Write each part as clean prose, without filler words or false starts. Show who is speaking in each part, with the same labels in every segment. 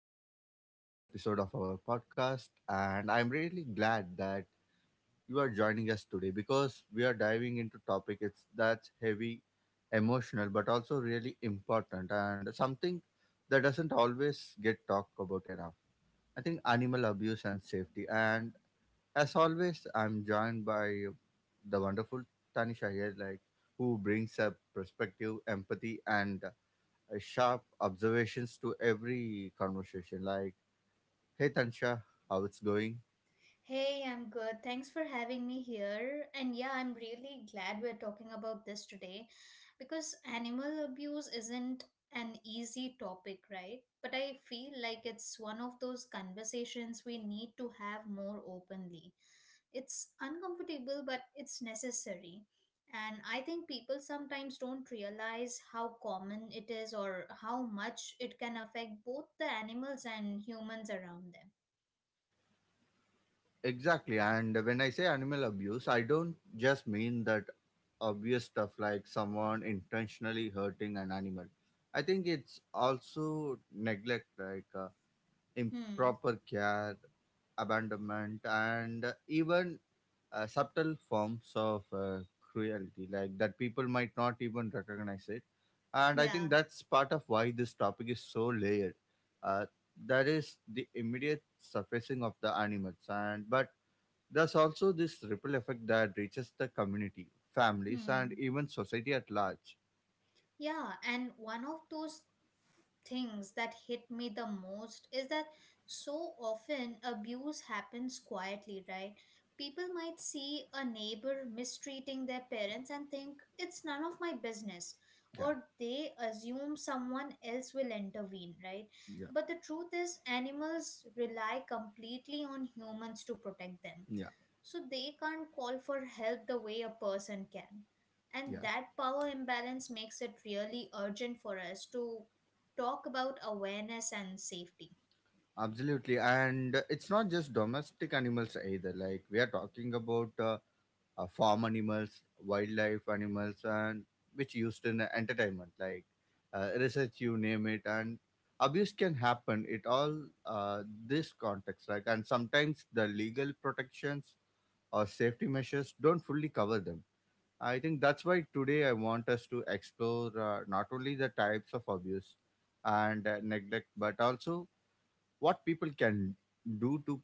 Speaker 1: back to another episode of our podcast. And I'm really glad that you are joining us today because we are diving into topic it's that's heavy, emotional, but also really important and something that doesn't always get talked about enough. I think animal abuse and safety. And as always, I'm joined by the wonderful Tanisha here, like who brings up perspective, empathy, and sharp observations to every conversation. Like, hey Tansha, how it's going?
Speaker 2: Hey, I'm good. Thanks for having me here. And yeah, I'm really glad we're talking about this today because animal abuse isn't an easy topic, right? But I feel like it's one of those conversations we need to have more openly. It's uncomfortable, but it's necessary. And I think people sometimes don't realize how common it is or how much it can affect both the animals and humans around them.
Speaker 1: Exactly, and when I say animal abuse, I don't just mean that obvious stuff like someone intentionally hurting an animal. I think it's also neglect, like
Speaker 2: Hmm.
Speaker 1: improper care, abandonment, and even subtle forms of cruelty, like that people might not even recognize it. And I think
Speaker 2: Yeah.
Speaker 1: that's part of why this topic is so layered. uh, that is the immediate surfacing of the animals, and but there's also this ripple effect that reaches the community, families, and
Speaker 2: Hmm.
Speaker 1: even society at large.
Speaker 2: Yeah, and one of those things that hit me the most is that so often abuse happens quietly, right? People might see a neighbor mistreating their parents and think it's none of my business,
Speaker 1: yeah
Speaker 2: or they assume someone else will intervene, right?
Speaker 1: yeah
Speaker 2: But the truth is, animals rely completely on humans to protect them,
Speaker 1: yeah
Speaker 2: so they can't call for help the way a person can, and
Speaker 1: yeah.
Speaker 2: that power imbalance makes it really urgent for us to talk about awareness and safety.
Speaker 1: Absolutely, and it's not just domestic animals either. Like, we are talking about farm animals, wildlife animals, and which used in the entertainment, like research, you name it, and abuse can happen. It all this context, like, and sometimes the legal protections or safety measures don't fully cover them. I think that's why today I want us to explore not only the types of abuse and neglect, but also what people can do to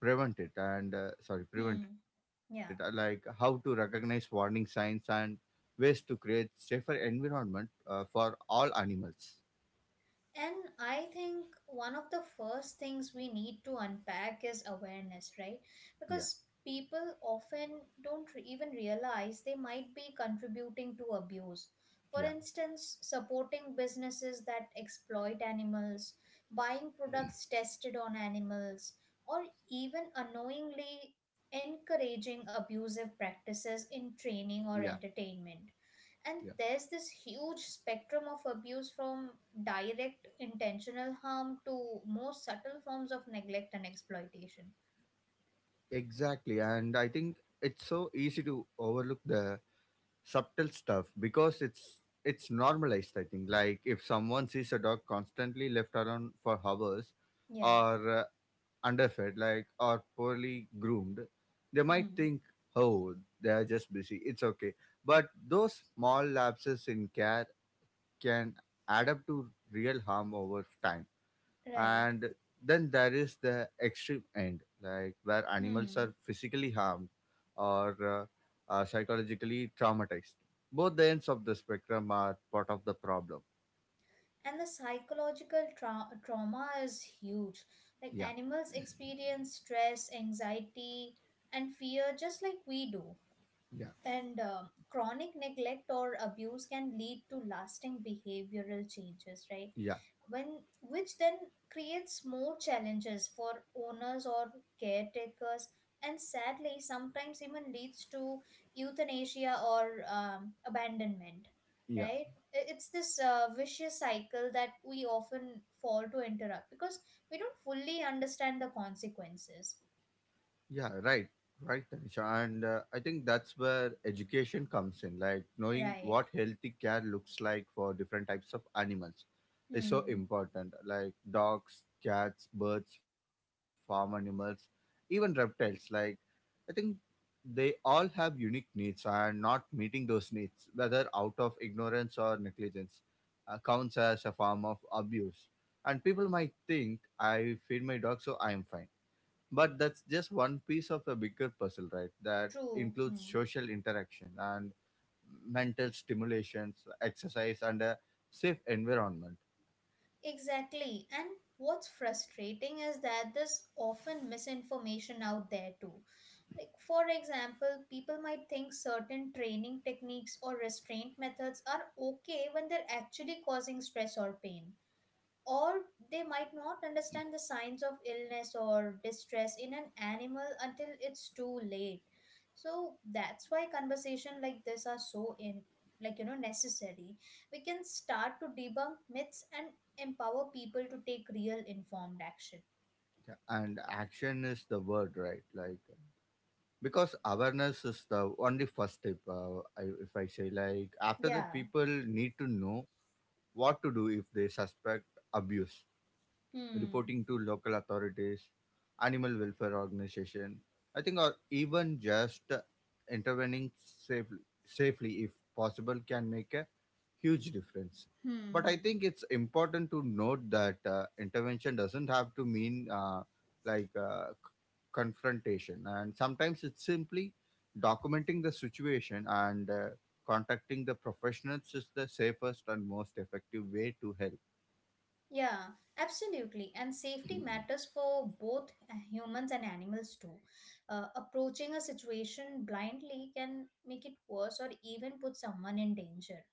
Speaker 1: prevent it and sorry prevent it,
Speaker 2: Hmm.
Speaker 1: like how
Speaker 2: Yeah.
Speaker 1: to recognize warning signs and ways to create safer environment for all animals.
Speaker 2: And I think one of the first things we need to unpack is awareness, right?
Speaker 1: Yeah,
Speaker 2: Because people often don't re- even realize they might be contributing to abuse. For
Speaker 1: yeah,
Speaker 2: instance, supporting businesses that exploit animals, buying products tested on animals, or even unknowingly encouraging abusive practices in
Speaker 1: yeah
Speaker 2: training or entertainment.
Speaker 1: yeah.
Speaker 2: And there's this huge spectrum of abuse, from direct intentional harm to more subtle forms of neglect and exploitation.
Speaker 1: Exactly, and I think it's so easy to overlook the subtle stuff because it's normalized. I think, like, if someone sees a dog constantly left around for hours
Speaker 2: Yeah.
Speaker 1: or underfed, like or poorly groomed, they might
Speaker 2: Hmm.
Speaker 1: think, "Oh, they are just busy. It's okay." But those small lapses in care can add up to real harm over time.
Speaker 2: Right.
Speaker 1: And then there is the extreme end, like where animals are
Speaker 2: Hmm.
Speaker 1: physically harmed or are psychologically traumatized. Both the ends of the spectrum are part of the problem.
Speaker 2: And the trauma is huge. Like,
Speaker 1: Yeah,
Speaker 2: animals experience stress, anxiety, and fear just like we do.
Speaker 1: yeah,
Speaker 2: And chronic neglect or abuse can lead to lasting behavioral changes, right?
Speaker 1: yeah,
Speaker 2: when which then creates more challenges for owners or caretakers, and sadly sometimes even leads to euthanasia or abandonment,
Speaker 1: yeah.
Speaker 2: right? I- it's this vicious cycle that we often fall to interrupt because we don't fully understand the consequences.
Speaker 1: Yeah, right, right, Tanisha. And I think that's where education comes in. Like, knowing
Speaker 2: Right.
Speaker 1: what healthy care looks like for different types of animals is so
Speaker 2: Hmm.
Speaker 1: important. Like dogs, cats, birds, farm animals, even reptiles. Like, I think they all have unique needs, and not meeting those needs, whether out of ignorance or negligence, counts as a form of abuse. And people might think, I feed my dog, so I am fine, but that's just one piece of a bigger puzzle, right, that
Speaker 2: True.
Speaker 1: includes
Speaker 2: Hmm.
Speaker 1: social interaction and mental stimulations, exercise, and a safe environment.
Speaker 2: Exactly. And what's frustrating is that there's often misinformation out there too. Like, for example, people might think certain training techniques or restraint methods are okay when they're actually causing stress or pain. Or they might not understand the signs of illness or distress in an animal until it's too late. So that's why conversation like this are so in like you know necessary. We can start to debunk myths and empower people to take real informed action.
Speaker 1: Yeah. And action is the word, right? Like, because awareness is the only first step, if I say. Like, after that,
Speaker 2: Yeah.
Speaker 1: people need to know what to do if they suspect abuse:
Speaker 2: Hmm.
Speaker 1: reporting to local authorities, animal welfare organization. I think, or even just intervening safely if possible can make a huge difference. But
Speaker 2: Hmm.
Speaker 1: I think
Speaker 2: Hmm.
Speaker 1: it's important to note that intervention doesn't have to mean like uh, c- confrontation, and sometimes it's simply documenting the situation and contacting the professionals is the safest and most effective way to help.
Speaker 2: Yeah, absolutely. And safety matters for both humans and animals too. Approaching a situation blindly can make it worse or even put someone in danger.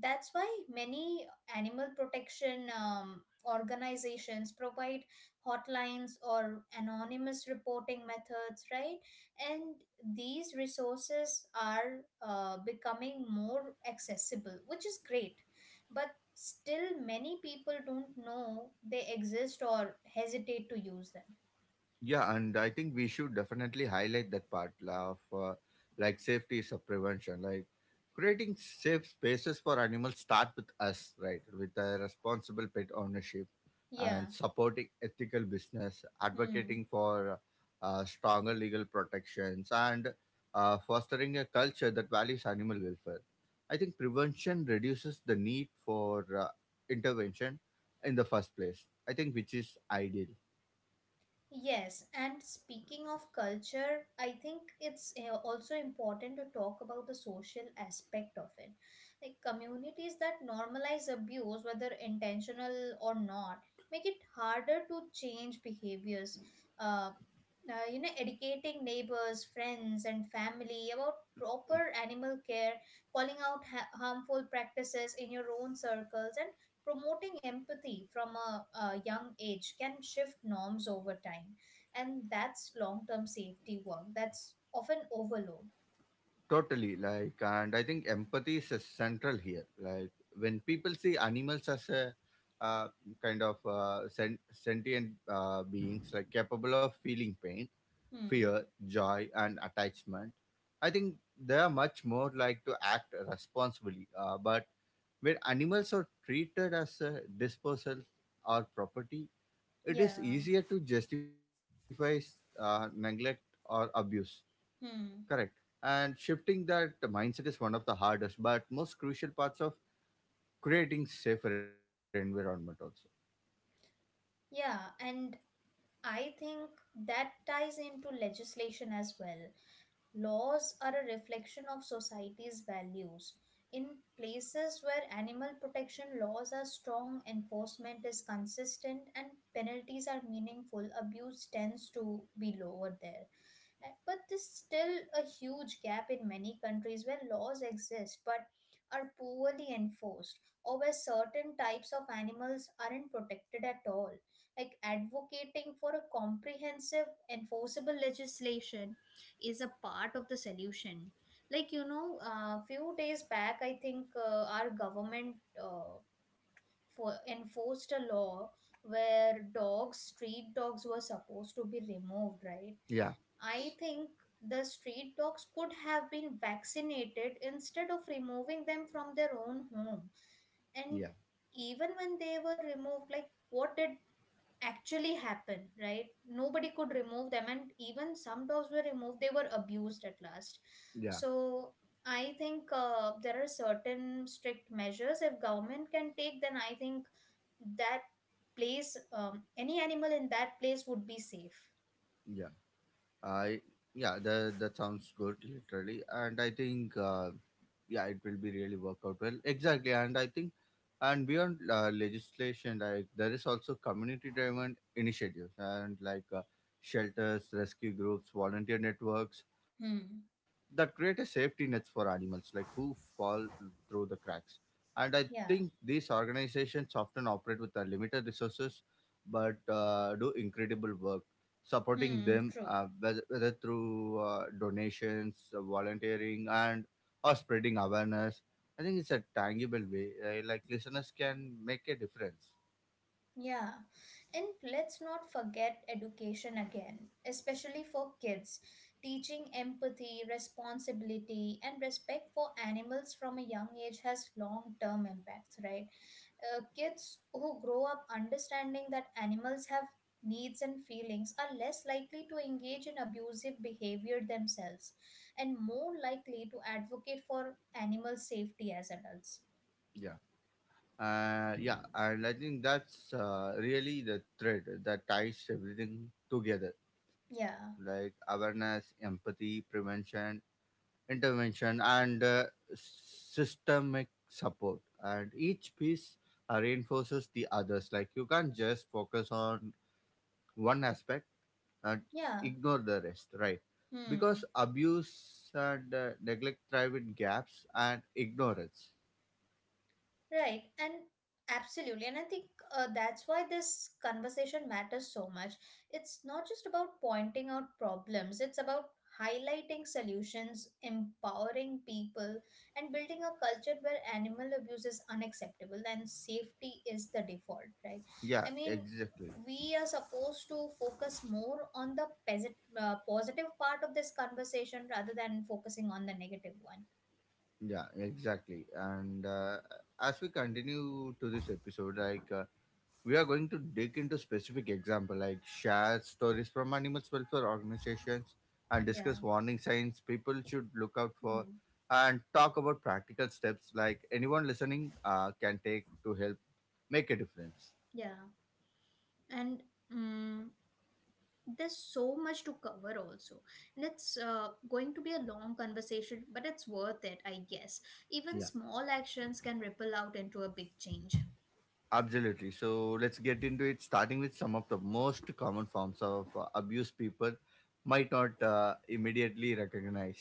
Speaker 2: That's why many animal protection organizations provide hotlines or anonymous reporting methods, right? And these resources are becoming more accessible, which is great, but still many people don't know they exist or hesitate to use them.
Speaker 1: Yeah, and I think we should definitely highlight that part, la, of like safety is a prevention. Like, creating safe spaces for animals start with us, right? With a responsible pet ownership
Speaker 2: Yeah.
Speaker 1: and supporting ethical business,
Speaker 2: Hmm.
Speaker 1: advocating for stronger legal protections, and fostering a culture that values animal welfare. I think prevention reduces the need for intervention in the first place. I think which is ideal.
Speaker 2: Yes, and speaking of culture, I think it's also important to talk about the social aspect of it. Like, communities that normalize abuse, whether intentional or not, make it harder to change behaviors. Uh, you know, educating neighbors, friends and family about proper animal care, calling out harmful practices in your own circles, and promoting empathy from a young age can shift norms over time, and that's long-term safety work that's often overload.
Speaker 1: Totally, like, and I think empathy is central here. Like, when people see animals as a uh, kind of sentient beings, like capable of feeling pain,
Speaker 2: Hmm.
Speaker 1: fear, joy, and attachment, I think they are much more like to act responsibly. But when animals are treated as a disposal or property, it is
Speaker 2: Yeah.
Speaker 1: easier to justify neglect or abuse. Correct.
Speaker 2: Hmm.
Speaker 1: And shifting that mindset is one of the hardest but most crucial parts of creating safer environment also.
Speaker 2: Yeah, and I think that ties into legislation as well. Laws are a reflection of society's values. In places where animal protection laws are strong, enforcement is consistent, and penalties are meaningful, abuse tends to be lower there. But there's still a huge gap in many countries where laws exist but are poorly enforced, or where certain types of animals aren't protected at all. Like, advocating for a comprehensive, enforceable legislation is a part of the solution. Like, you know, a few days back, I think our government, Uh, for enforced a law where dogs street dogs were supposed to be removed, right?
Speaker 1: Yeah,
Speaker 2: I think the street dogs could have been vaccinated instead of removing them from their own home. And
Speaker 1: yeah,
Speaker 2: even when they were removed, like, what did actually happen, right? Nobody could remove them, and even some dogs were removed, they were abused at last.
Speaker 1: yeah,
Speaker 2: So I think there are certain strict measures if government can take, then I think that place, any animal in that place would be safe.
Speaker 1: yeah. I yeah, that that sounds good literally, and I think yeah, it will be really work out well. Exactly, and I think and beyond legislation, like there is also community-driven initiatives and like shelters, rescue groups, volunteer networks that
Speaker 2: Hmm.
Speaker 1: create a safety nets for animals like who fall through the cracks. And I think
Speaker 2: Yeah.
Speaker 1: these organizations often operate with limited resources, but do incredible work supporting
Speaker 2: Hmm,
Speaker 1: them,
Speaker 2: true.
Speaker 1: whether through donations, volunteering, and or spreading awareness. I think it's a tangible way, like listeners can make a difference.
Speaker 2: Yeah. And let's not forget education again, especially for kids. Teaching empathy, responsibility, and respect for animals from a young age has long term impacts, right? Kids who grow up understanding that animals have needs and feelings are less likely to engage in abusive behavior themselves and more likely to advocate for animal safety as adults.
Speaker 1: Yeah. Yeah, and I think that's really the thread that ties everything together,
Speaker 2: Yeah.
Speaker 1: like awareness, empathy, prevention, intervention, and systemic support. And each piece reinforces the others. Like, you can't just focus on one aspect and
Speaker 2: Yeah.
Speaker 1: ignore the rest, right? Because
Speaker 2: Hmm.
Speaker 1: abuse and neglect thrive in gaps and ignorance.
Speaker 2: Right, and absolutely. And I think that's why this conversation matters so much. It's not just about pointing out problems, it's about highlighting solutions, empowering people, and building a culture where animal abuse is unacceptable and safety is the default, right?
Speaker 1: Yeah,
Speaker 2: I mean,
Speaker 1: exactly.
Speaker 2: we are supposed to focus more on the positive part of this conversation rather than focusing on the negative one.
Speaker 1: Yeah, exactly. And as we continue to this episode, like we are going to dig into specific example, like share stories from animal welfare organizations and
Speaker 2: Yeah.
Speaker 1: discuss warning signs people should look out for
Speaker 2: Hmm.
Speaker 1: and talk about practical steps like anyone listening can take to help make a difference.
Speaker 2: Yeah. And mm there's so much to cover also, and it's going to be a long conversation, but it's worth it, I guess. Even
Speaker 1: Yeah.
Speaker 2: small actions can ripple out into a big change.
Speaker 1: Absolutely. So let's get into it, starting with some of the most common forms of abuse people might not immediately recognize.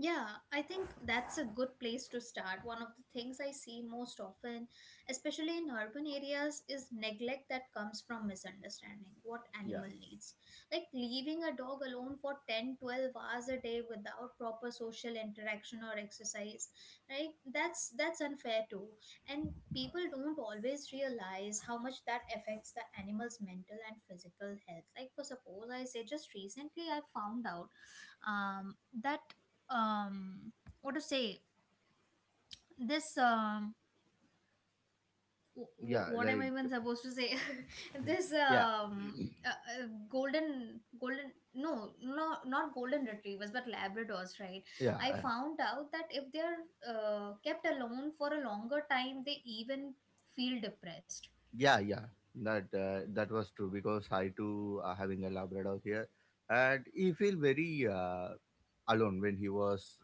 Speaker 2: Yeah, I think that's a good place to start. One of the things I see most often, especially in urban areas, is neglect that comes from misunderstanding what
Speaker 1: Yeah,
Speaker 2: animal needs. Like leaving a dog alone for 10, 12 hours a day without proper social interaction or exercise, right? That's unfair too. And people don't always realize how much that affects the animal's mental and physical health. Like, for suppose I say, just recently I found out, um, that um, what to say this w- w-
Speaker 1: yeah,
Speaker 2: what am I
Speaker 1: like
Speaker 2: even supposed to say? This
Speaker 1: yeah,
Speaker 2: golden golden no no not golden retrievers but labradors, right?
Speaker 1: yeah,
Speaker 2: I found out that if they're kept alone for a longer time they even feel depressed.
Speaker 1: yeah, yeah. That that was true because I too having a Labrador here, and he feel very alone when he was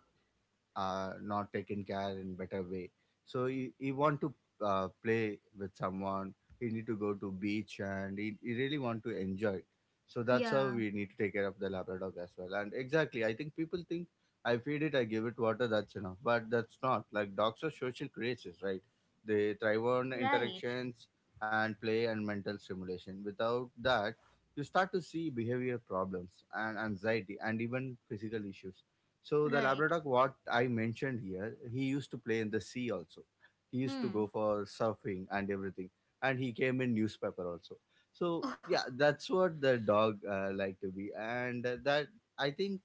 Speaker 1: not taken care in better way. So you want to play with someone, you need to go to beach and you really want to enjoy it. So that's how
Speaker 2: Yeah.
Speaker 1: we need to take care of the Labrador as well. And exactly, I think people think I feed it, I give it water, that's enough, but that's not. Like, dogs are social creatures, right? They thrive on
Speaker 2: Right.
Speaker 1: interactions and play and mental stimulation. Without that, you start to see behavior problems and anxiety and even physical issues. So the
Speaker 2: Right.
Speaker 1: Labrador, what I mentioned here, he used to play in the sea also. He used to
Speaker 2: Hmm.
Speaker 1: go for surfing and everything, and he came in newspaper also. So yeah, that's what the dog like to be, and that, I think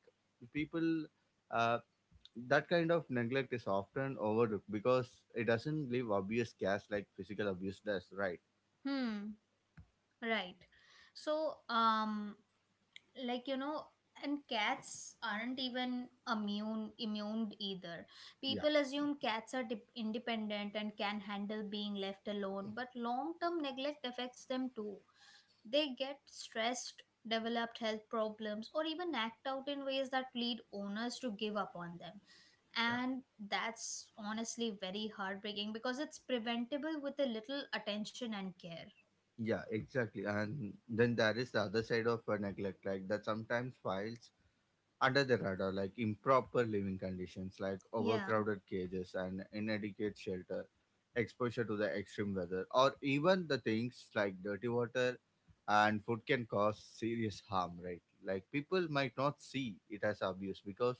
Speaker 1: people, uh, that kind of neglect is often overlooked because it doesn't leave obvious gaps like physical abuse does, right?
Speaker 2: Hmm. Right. So like you know and cats aren't even immune either.
Speaker 1: Yeah,
Speaker 2: People assume cats are independent and can handle being left alone, but long term neglect affects them too. They get stressed, developed health problems, or even act out in ways that lead owners to give up on them.
Speaker 1: yeah,
Speaker 2: And that's honestly very heartbreaking because it's preventable with a little attention and care.
Speaker 1: Yeah, exactly. And then there is the other side of neglect, like that sometimes files under the radar, like improper living conditions, like
Speaker 2: Yeah.
Speaker 1: overcrowded cages and inadequate shelter, exposure to the extreme weather, or even the things like dirty water and food can cause serious harm, right? Like, people might not see it as abuse because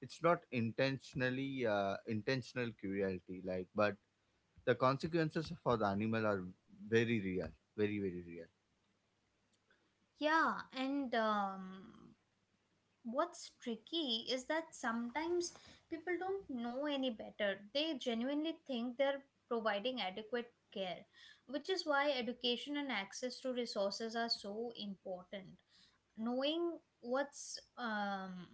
Speaker 1: it's not intentional cruelty, like, but the consequences for the animal are very real, very, very real.
Speaker 2: Yeah. And what's tricky is that sometimes people don't know any better. They genuinely think they're providing adequate care, which is why education and access to resources are so important. Knowing what's um,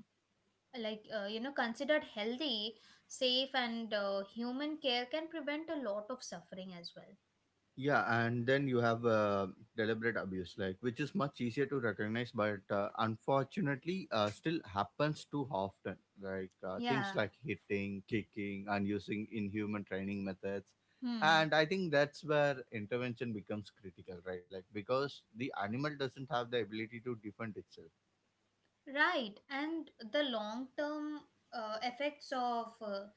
Speaker 2: like uh, you know considered healthy, safe, and human care can prevent a lot of suffering as well.
Speaker 1: Yeah, and then you have deliberate abuse, like which is much easier to recognize but unfortunately still happens too often. Like, things
Speaker 2: Yeah.
Speaker 1: like hitting, kicking, and using inhuman training methods.
Speaker 2: Hmm.
Speaker 1: And I think that's where intervention becomes critical, right? Like, because the animal doesn't have the ability to defend itself.
Speaker 2: Right, and the long term effects of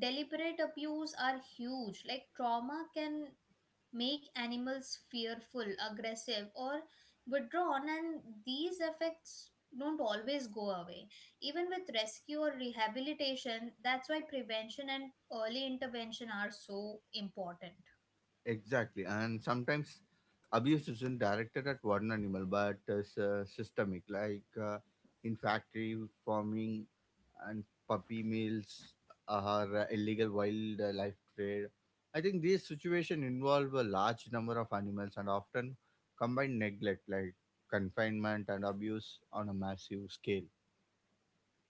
Speaker 2: deliberate abuse are huge. Like, trauma can make animals fearful, aggressive, or withdrawn, and these effects don't always go away. Even with rescue or rehabilitation, that's why prevention and early intervention are so important.
Speaker 1: Exactly. And sometimes abuse isn't directed at one animal but is systemic, like in factory farming and puppy mills or illegal wildlife trade. I think these situations involve a large number of animals and often combine neglect, like confinement and abuse, on a massive scale.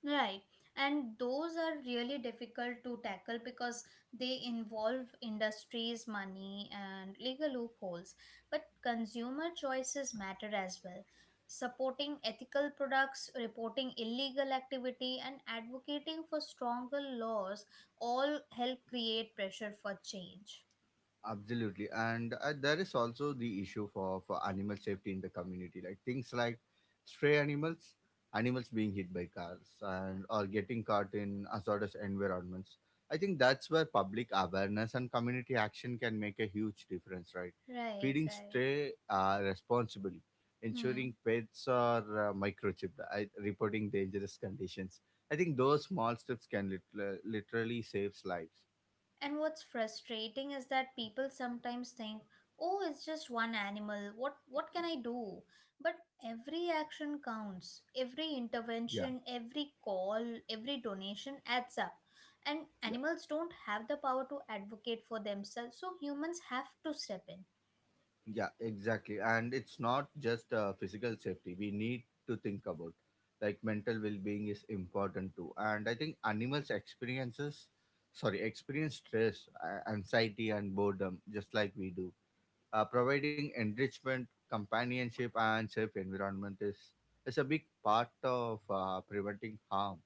Speaker 2: Right. And those are really difficult to tackle because they involve industries, money, and legal loopholes. But consumer choices matter as well. Supporting ethical products, reporting illegal activity, and advocating for stronger laws all help create pressure for change.
Speaker 1: Absolutely, and there is also the issue for animal safety in the community, like things like stray animals, animals being hit by cars, and or getting caught in hazardous environments. I think that's where public awareness and community action can make a huge difference, right?
Speaker 2: Right,
Speaker 1: Feeding
Speaker 2: right.
Speaker 1: stray responsibly, ensuring
Speaker 2: Hmm.
Speaker 1: pets are microchipped, I, reporting dangerous conditions. I think those small steps can literally save lives.
Speaker 2: And what's frustrating is that people sometimes think, "Oh, it's just one animal. What can I do?" But every action counts. Every
Speaker 1: Yeah,
Speaker 2: intervention, every call, every donation adds up. And
Speaker 1: yeah.
Speaker 2: animals don't have the power to advocate for themselves, so humans have to step in.
Speaker 1: Yeah, exactly. And it's not just physical safety. We need to think about like mental well-being is important too. And I think experience stress, anxiety, and boredom just like we do. Providing enrichment, companionship, and safe environment is a big part of preventing harm.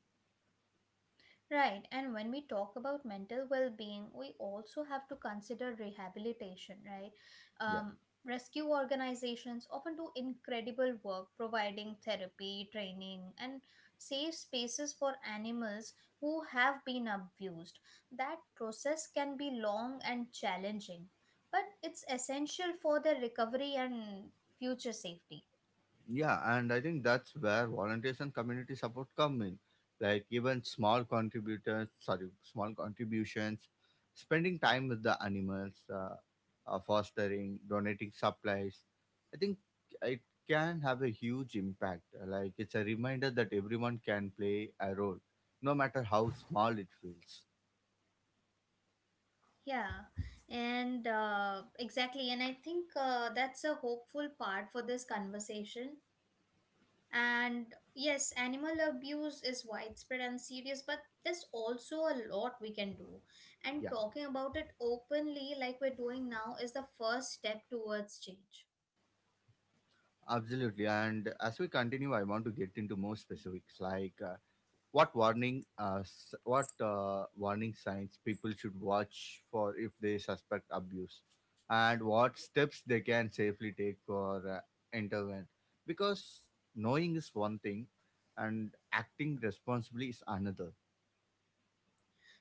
Speaker 2: Right, and when we talk about mental well being, we also have to consider rehabilitation, right?
Speaker 1: Yeah.
Speaker 2: Um, Rescue organizations often do incredible work providing therapy, training, and safe spaces for animals who have been abused. That process can be long and challenging, but it's essential for their recovery and future safety.
Speaker 1: Yeah, and I think that's where volunteers and community support come in. Like, even small contributions, spending time with the animals, fostering, donating supplies. I think it can have a huge impact. Like, it's a reminder that everyone can play a role, no matter how small it feels.
Speaker 2: Yeah, and exactly. And I think that's a hopeful part for this conversation. And yes, animal abuse is widespread and serious, but there's also a lot we can do. And
Speaker 1: Yeah,
Speaker 2: talking about it openly, like we're doing now, is the first step towards change.
Speaker 1: absolutely. And as we continue, I want to get into more specifics, like what warning s- what warning signs people should watch for if they suspect abuse and what steps they can safely take for intervene because knowing is one thing and acting responsibly is another.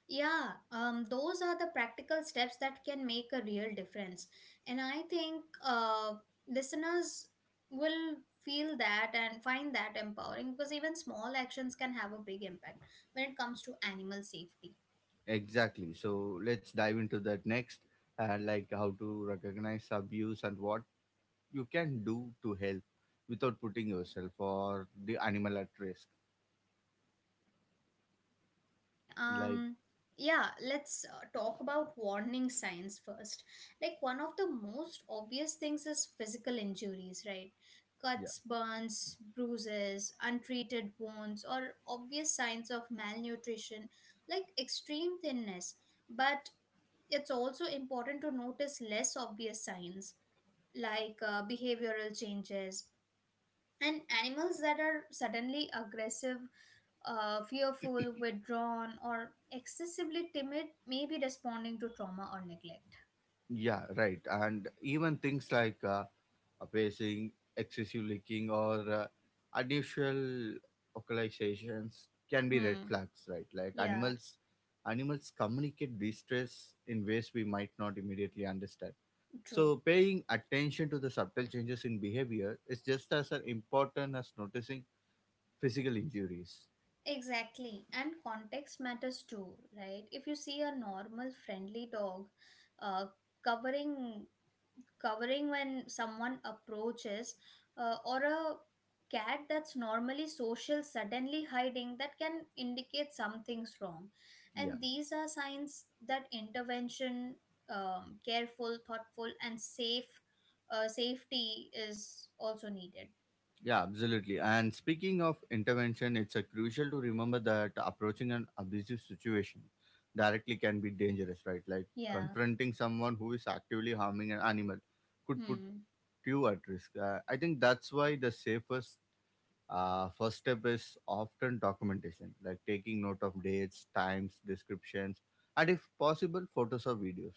Speaker 2: Yeah, those are the practical steps that can make a real difference. And I think listeners will feel that and find that empowering because even small actions can have a big impact when it comes to animal safety.
Speaker 1: Exactly, so let's dive into that next, like how to recognize abuse and what you can do to help without putting yourself or the animal at risk.
Speaker 2: Yeah,
Speaker 1: like
Speaker 2: um, yeah, let's talk about warning signs first. Like, one of the most obvious things is physical injuries, right?
Speaker 1: yeah
Speaker 2: Cuts, burns, bruises, untreated wounds, or obvious signs of malnutrition, like extreme thinness. But it's also important to notice less obvious signs, like behavioral changes. And animals that are suddenly aggressive, fearful, withdrawn, or excessively timid may be responding to trauma or neglect.
Speaker 1: Yeah, right. And even things like pacing, excessive leaking, or unusual vocalizations can be red
Speaker 2: Hmm.
Speaker 1: flags, right? Like
Speaker 2: Yeah,
Speaker 1: animals, communicate distress in ways we might not immediately understand.
Speaker 2: true.
Speaker 1: So paying attention to the subtle changes in behavior is just as important as noticing physical injuries.
Speaker 2: Exactly. And context matters too, right? If you see a normal, friendly dog uh, covering covering when someone approaches, or a cat that's normally social suddenly hiding, that can indicate something's wrong.
Speaker 1: Yeah.
Speaker 2: And these are signs that intervention, careful, thoughtful, and safe safety is also needed.
Speaker 1: Yeah, absolutely. And speaking of intervention, it's crucial to remember that approaching an abusive situation directly can be dangerous, right? Like
Speaker 2: Yeah.
Speaker 1: confronting someone who is actively harming an animal could put
Speaker 2: Hmm.
Speaker 1: you at risk. I think that's why the safest first step is often documentation, like taking note of dates, times, descriptions, and if possible, photos or videos,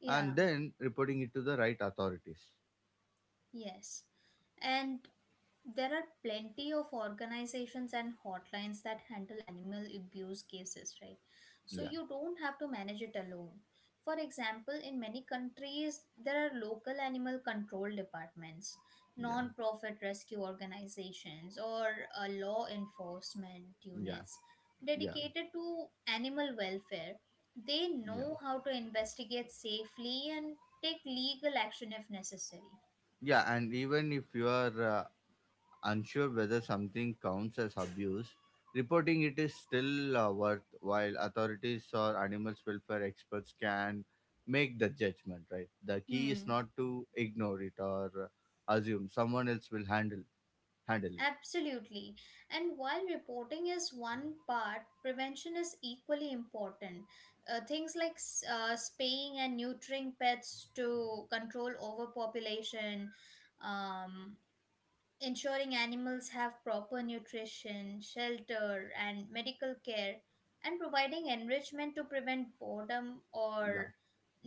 Speaker 2: Yeah.
Speaker 1: and then reporting it to the right authorities.
Speaker 2: Yes. And There are plenty of organizations and hotlines that handle animal abuse cases, right? So
Speaker 1: Yeah,
Speaker 2: you don't have to manage it alone. For example, in many countries, there are local animal control departments,
Speaker 1: yeah,
Speaker 2: non profit rescue organizations, or law enforcement
Speaker 1: yeah,
Speaker 2: units
Speaker 1: yeah,
Speaker 2: dedicated to animal welfare. They
Speaker 1: yeah.
Speaker 2: know how to investigate safely and take legal action if necessary.
Speaker 1: Yeah, and even if you are unsure whether something counts as abuse, reporting it is still worthwhile. Authorities or animal welfare experts can make the judgment, right? The key is
Speaker 2: Hmm.
Speaker 1: not to ignore it or assume someone else will handle it.
Speaker 2: Absolutely. And while reporting is one part, prevention is equally important. Things like spaying and neutering pets to control overpopulation, um, ensuring animals have proper nutrition, shelter, and medical care, and providing enrichment to prevent boredom
Speaker 1: Yeah.
Speaker 2: or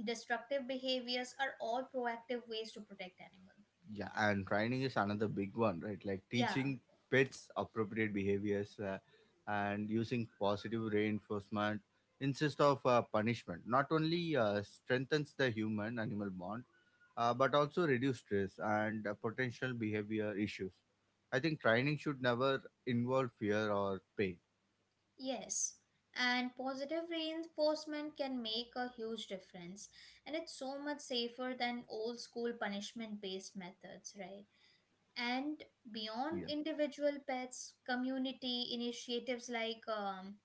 Speaker 2: destructive behaviors are all proactive ways to protect animals.
Speaker 1: Yeah, and training is another big one, right? Like
Speaker 2: Yeah.
Speaker 1: teaching pets appropriate behaviors and using positive reinforcement instead of punishment. Not only strengthens the human animal bond, but also reduce stress and potential behavior issues. I think training should never involve fear or pain.
Speaker 2: Yes, and positive reinforcement can make a huge difference, and it's so much safer than old school punishment based methods, right? And
Speaker 1: Yeah,
Speaker 2: beyond individual pets, community initiatives like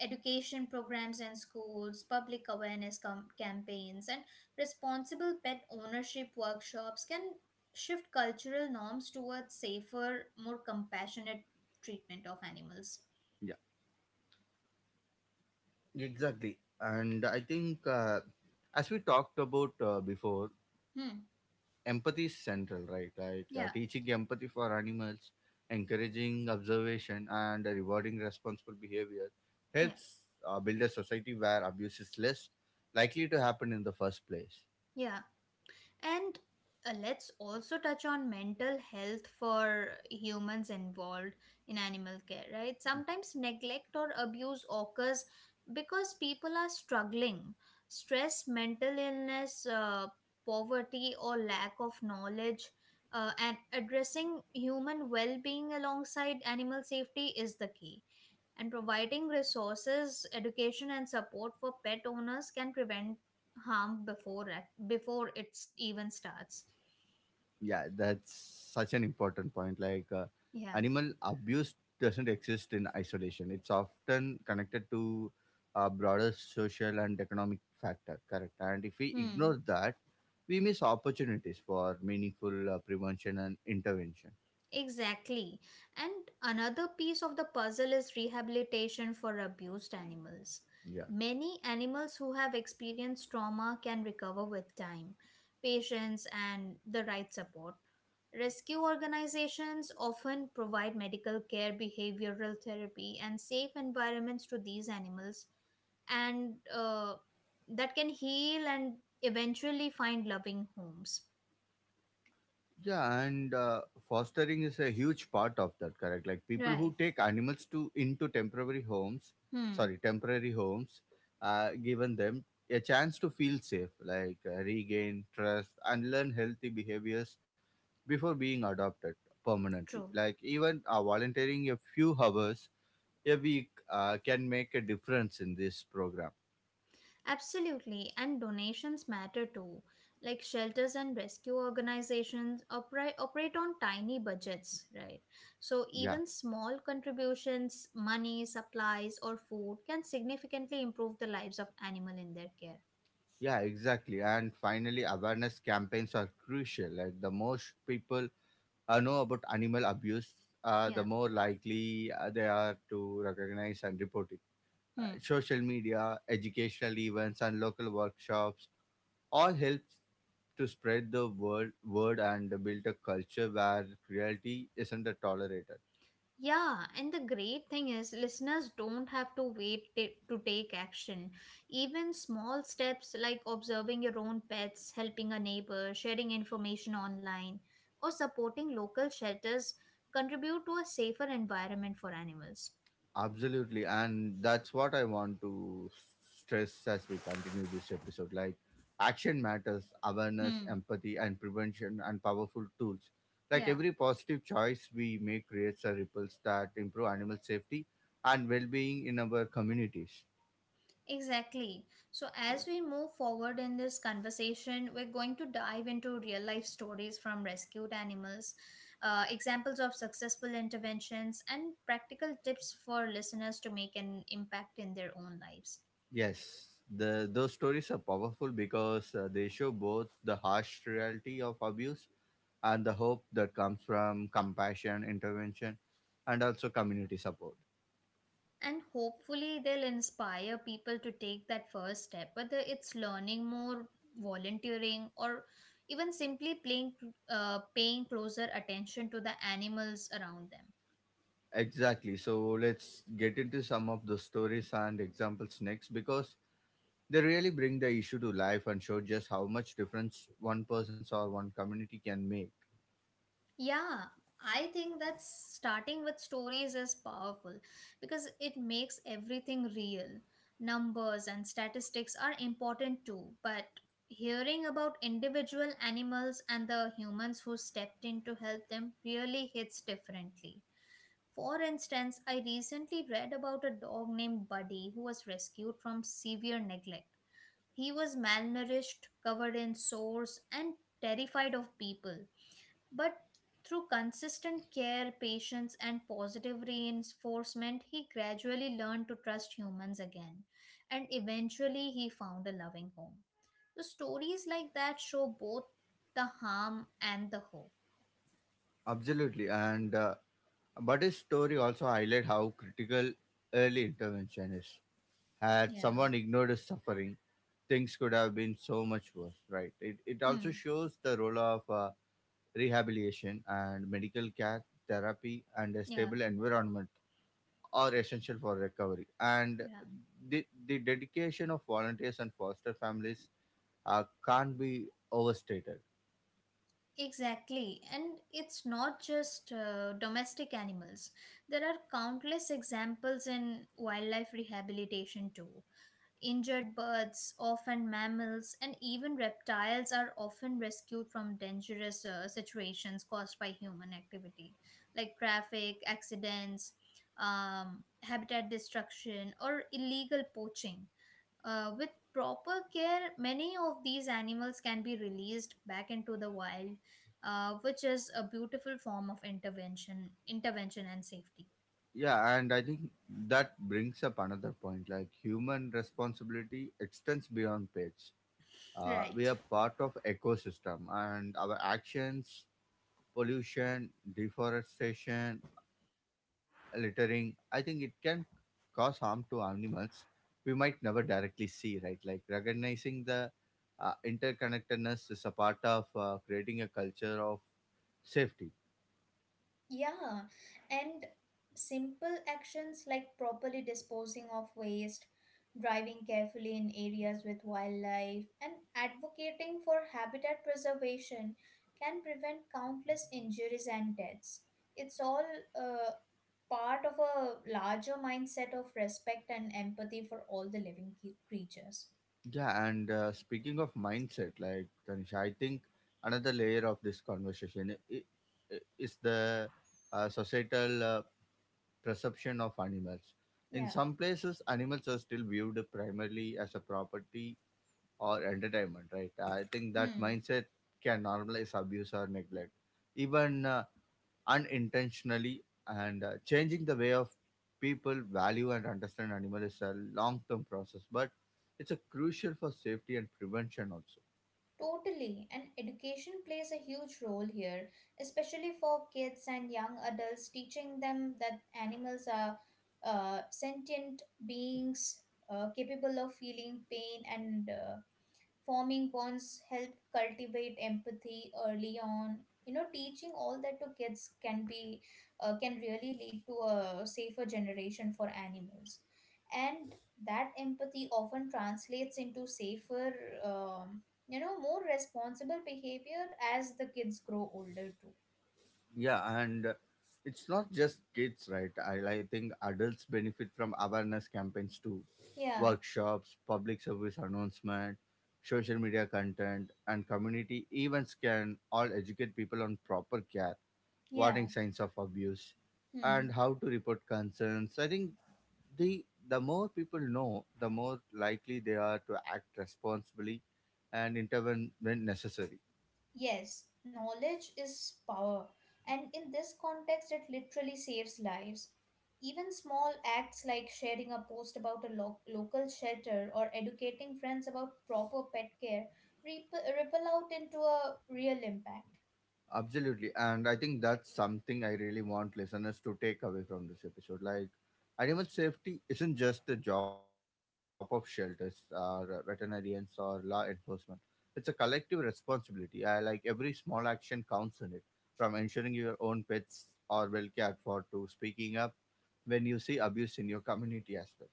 Speaker 2: education programs in schools, public awareness campaigns, and responsible pet ownership workshops can shift cultural norms towards safer, more compassionate treatment of animals.
Speaker 1: yeah, exactly. And I think as we talked about before,
Speaker 2: Hmm.
Speaker 1: empathy is central, right? Like
Speaker 2: Yeah.
Speaker 1: teaching empathy for animals, encouraging observation, and rewarding responsible behavior
Speaker 2: Yeah.
Speaker 1: helps build a society where abuse is less likely to happen in the first place.
Speaker 2: Yeah, and let's also touch on mental health for humans involved in animal care, right? Sometimes neglect or abuse occurs because people are struggling. Stress, mental illness, poverty, or lack of knowledge, and addressing human well being alongside animal safety is the key, and providing resources, education, and support for pet owners can prevent harm before it even starts.
Speaker 1: Yeah, that's such an important point, like animal
Speaker 2: Yeah.
Speaker 1: abuse doesn't exist in isolation. It's often connected to a broader social and economic factor, correct? And if we
Speaker 2: Hmm.
Speaker 1: ignore that, we miss opportunities for meaningful prevention and intervention.
Speaker 2: Exactly. And another piece of the puzzle is rehabilitation for abused animals.
Speaker 1: Yeah.
Speaker 2: Many animals who have experienced trauma can recover with time, patience, and the right support. Rescue organizations often provide medical care, behavioral therapy, and safe environments to these animals, and that can heal and eventually find loving homes.
Speaker 1: Yeah, and fostering is a huge part of that, correct? Like people
Speaker 2: Right.
Speaker 1: who take animals to into temporary homes,
Speaker 2: Hmm.
Speaker 1: sorry, temporary homes, given them a chance to feel safe, like regain trust and learn healthy behaviors before being adopted permanently.
Speaker 2: True.
Speaker 1: Like even volunteering a few hours a week can make a difference in this program.
Speaker 2: Absolutely, and donations matter too. Like shelters and rescue organizations operate on tiny budgets, right? So
Speaker 1: Yeah.
Speaker 2: even small contributions, money, supplies, or food can significantly improve the lives of animal in their care.
Speaker 1: Yeah, exactly. And finally, awareness campaigns are crucial. Like the most people know about animal abuse, the
Speaker 2: Yeah.
Speaker 1: more likely they are to recognize and report it.
Speaker 2: Hmm.
Speaker 1: Social media, educational events, and local workshops all help to spread the word and build a culture where cruelty isn't tolerated.
Speaker 2: Yeah, and the great thing is, listeners don't have to to take action. Even small steps like observing your own pets, helping a neighbor, sharing information online, or supporting local shelters contribute to a safer environment for animals.
Speaker 1: Absolutely, and that's what I want to stress as we continue this episode. Like, action matters, awareness,
Speaker 2: Hmm.
Speaker 1: empathy, and prevention, and powerful tools. Like,
Speaker 2: Yeah.
Speaker 1: every positive choice we make creates a ripples that improve animal safety and well being in our communities.
Speaker 2: Exactly. So, as we move forward in this conversation, we're going to dive into real life stories from rescued animals, examples of successful interventions, and practical tips for listeners to make an impact in their own lives.
Speaker 1: Yes, those stories are powerful because they show both the harsh reality of abuse and the hope that comes from compassion, intervention, and also community support.
Speaker 2: And hopefully, they'll inspire people to take that first step, whether it's learning more, volunteering, or even simply paying closer attention to the animals around them.
Speaker 1: Exactly. So let's get into some of the stories and examples next, because they really bring the issue to life and show just how much difference one person's or one community can make.
Speaker 2: Yeah, I think that starting with stories is powerful because it makes everything real. Numbers and statistics are important too, but hearing about individual animals and the humans who stepped in to help them really hits differently. For instance, I recently read about a dog named Buddy who was rescued from severe neglect. He was malnourished, covered in sores, and terrified of people, but through consistent care, patience, and positive reinforcement, he gradually learned to trust humans again, and eventually he found a loving home. The stories like that show both the harm and the hope.
Speaker 1: Absolutely. And but his story also highlight how critical early intervention is. Had
Speaker 2: Yeah.
Speaker 1: someone ignored his suffering, things could have been so much worse, right? It also
Speaker 2: Hmm.
Speaker 1: shows the role of rehabilitation and medical care, therapy, and a
Speaker 2: Yeah.
Speaker 1: stable environment are essential for recovery. And
Speaker 2: Yeah.
Speaker 1: the dedication of volunteers and foster families can't be overstated.
Speaker 2: Exactly. And it's not just domestic animals. There are countless examples in wildlife rehabilitation too. Injured birds, often mammals, and even reptiles are often rescued from dangerous situations caused by human activity, like traffic accidents, habitat destruction, or illegal poaching. With proper care, many of these animals can be released back into the wild, which is a beautiful form of intervention and safety.
Speaker 1: Yeah, and I think that brings up another point, like human responsibility extends beyond pets. We
Speaker 2: Right.
Speaker 1: are part of ecosystem and our actions, pollution, deforestation, littering, I think it can cause harm to animals we might never directly see, right? Like recognizing the interconnectedness is a part of creating a culture of safety.
Speaker 2: Yeah, and simple actions like properly disposing of waste, driving carefully in areas with wildlife, and advocating for habitat preservation can prevent countless injuries and deaths. It's all uh, part of a larger mindset of respect and empathy for all the living creatures.
Speaker 1: Yeah, and speaking of mindset, like Tanisha, I think another layer of this conversation is the societal perception of animals. In
Speaker 2: Yeah.
Speaker 1: some places, animals are still viewed primarily as a property or entertainment, right? I think that
Speaker 2: Hmm.
Speaker 1: mindset can normalize abuse or neglect. Even unintentionally, and changing the way of people value and understand animal is a long term process, but it's a crucial for safety and prevention also.
Speaker 2: Totally, and education plays a huge role here, especially for kids and young adults, teaching them that animals are sentient beings capable of feeling pain and forming bonds, help cultivate empathy early on. You know, teaching all that to kids can be can really lead to a safer generation for animals, and that empathy often translates into safer, um, you know, more responsible behavior as the kids grow older too.
Speaker 1: Yeah, and it's not just kids, right? I think adults benefit from awareness campaigns too,
Speaker 2: Yeah,
Speaker 1: workshops, public service announcement, social media content, and community events can all educate people on proper care, warning
Speaker 2: yeah.
Speaker 1: signs of abuse,
Speaker 2: Hmm.
Speaker 1: and how to report concerns. I think the more people know, the more likely they are to act responsibly and intervene when necessary.
Speaker 2: Yes, knowledge is power, and in this context, it literally saves lives. Even small acts like sharing a post about a local shelter or educating friends about proper pet care rip- ripple out into a real impact.
Speaker 1: Absolutely. And I think that's something I really want listeners to take away from this episode. Like, animal safety isn't just the job of shelters, or veterinarians, or law enforcement. It's a collective responsibility. I like every small action counts in it, from ensuring your own pets are well cared for to speaking up when you see abuse in your community as well.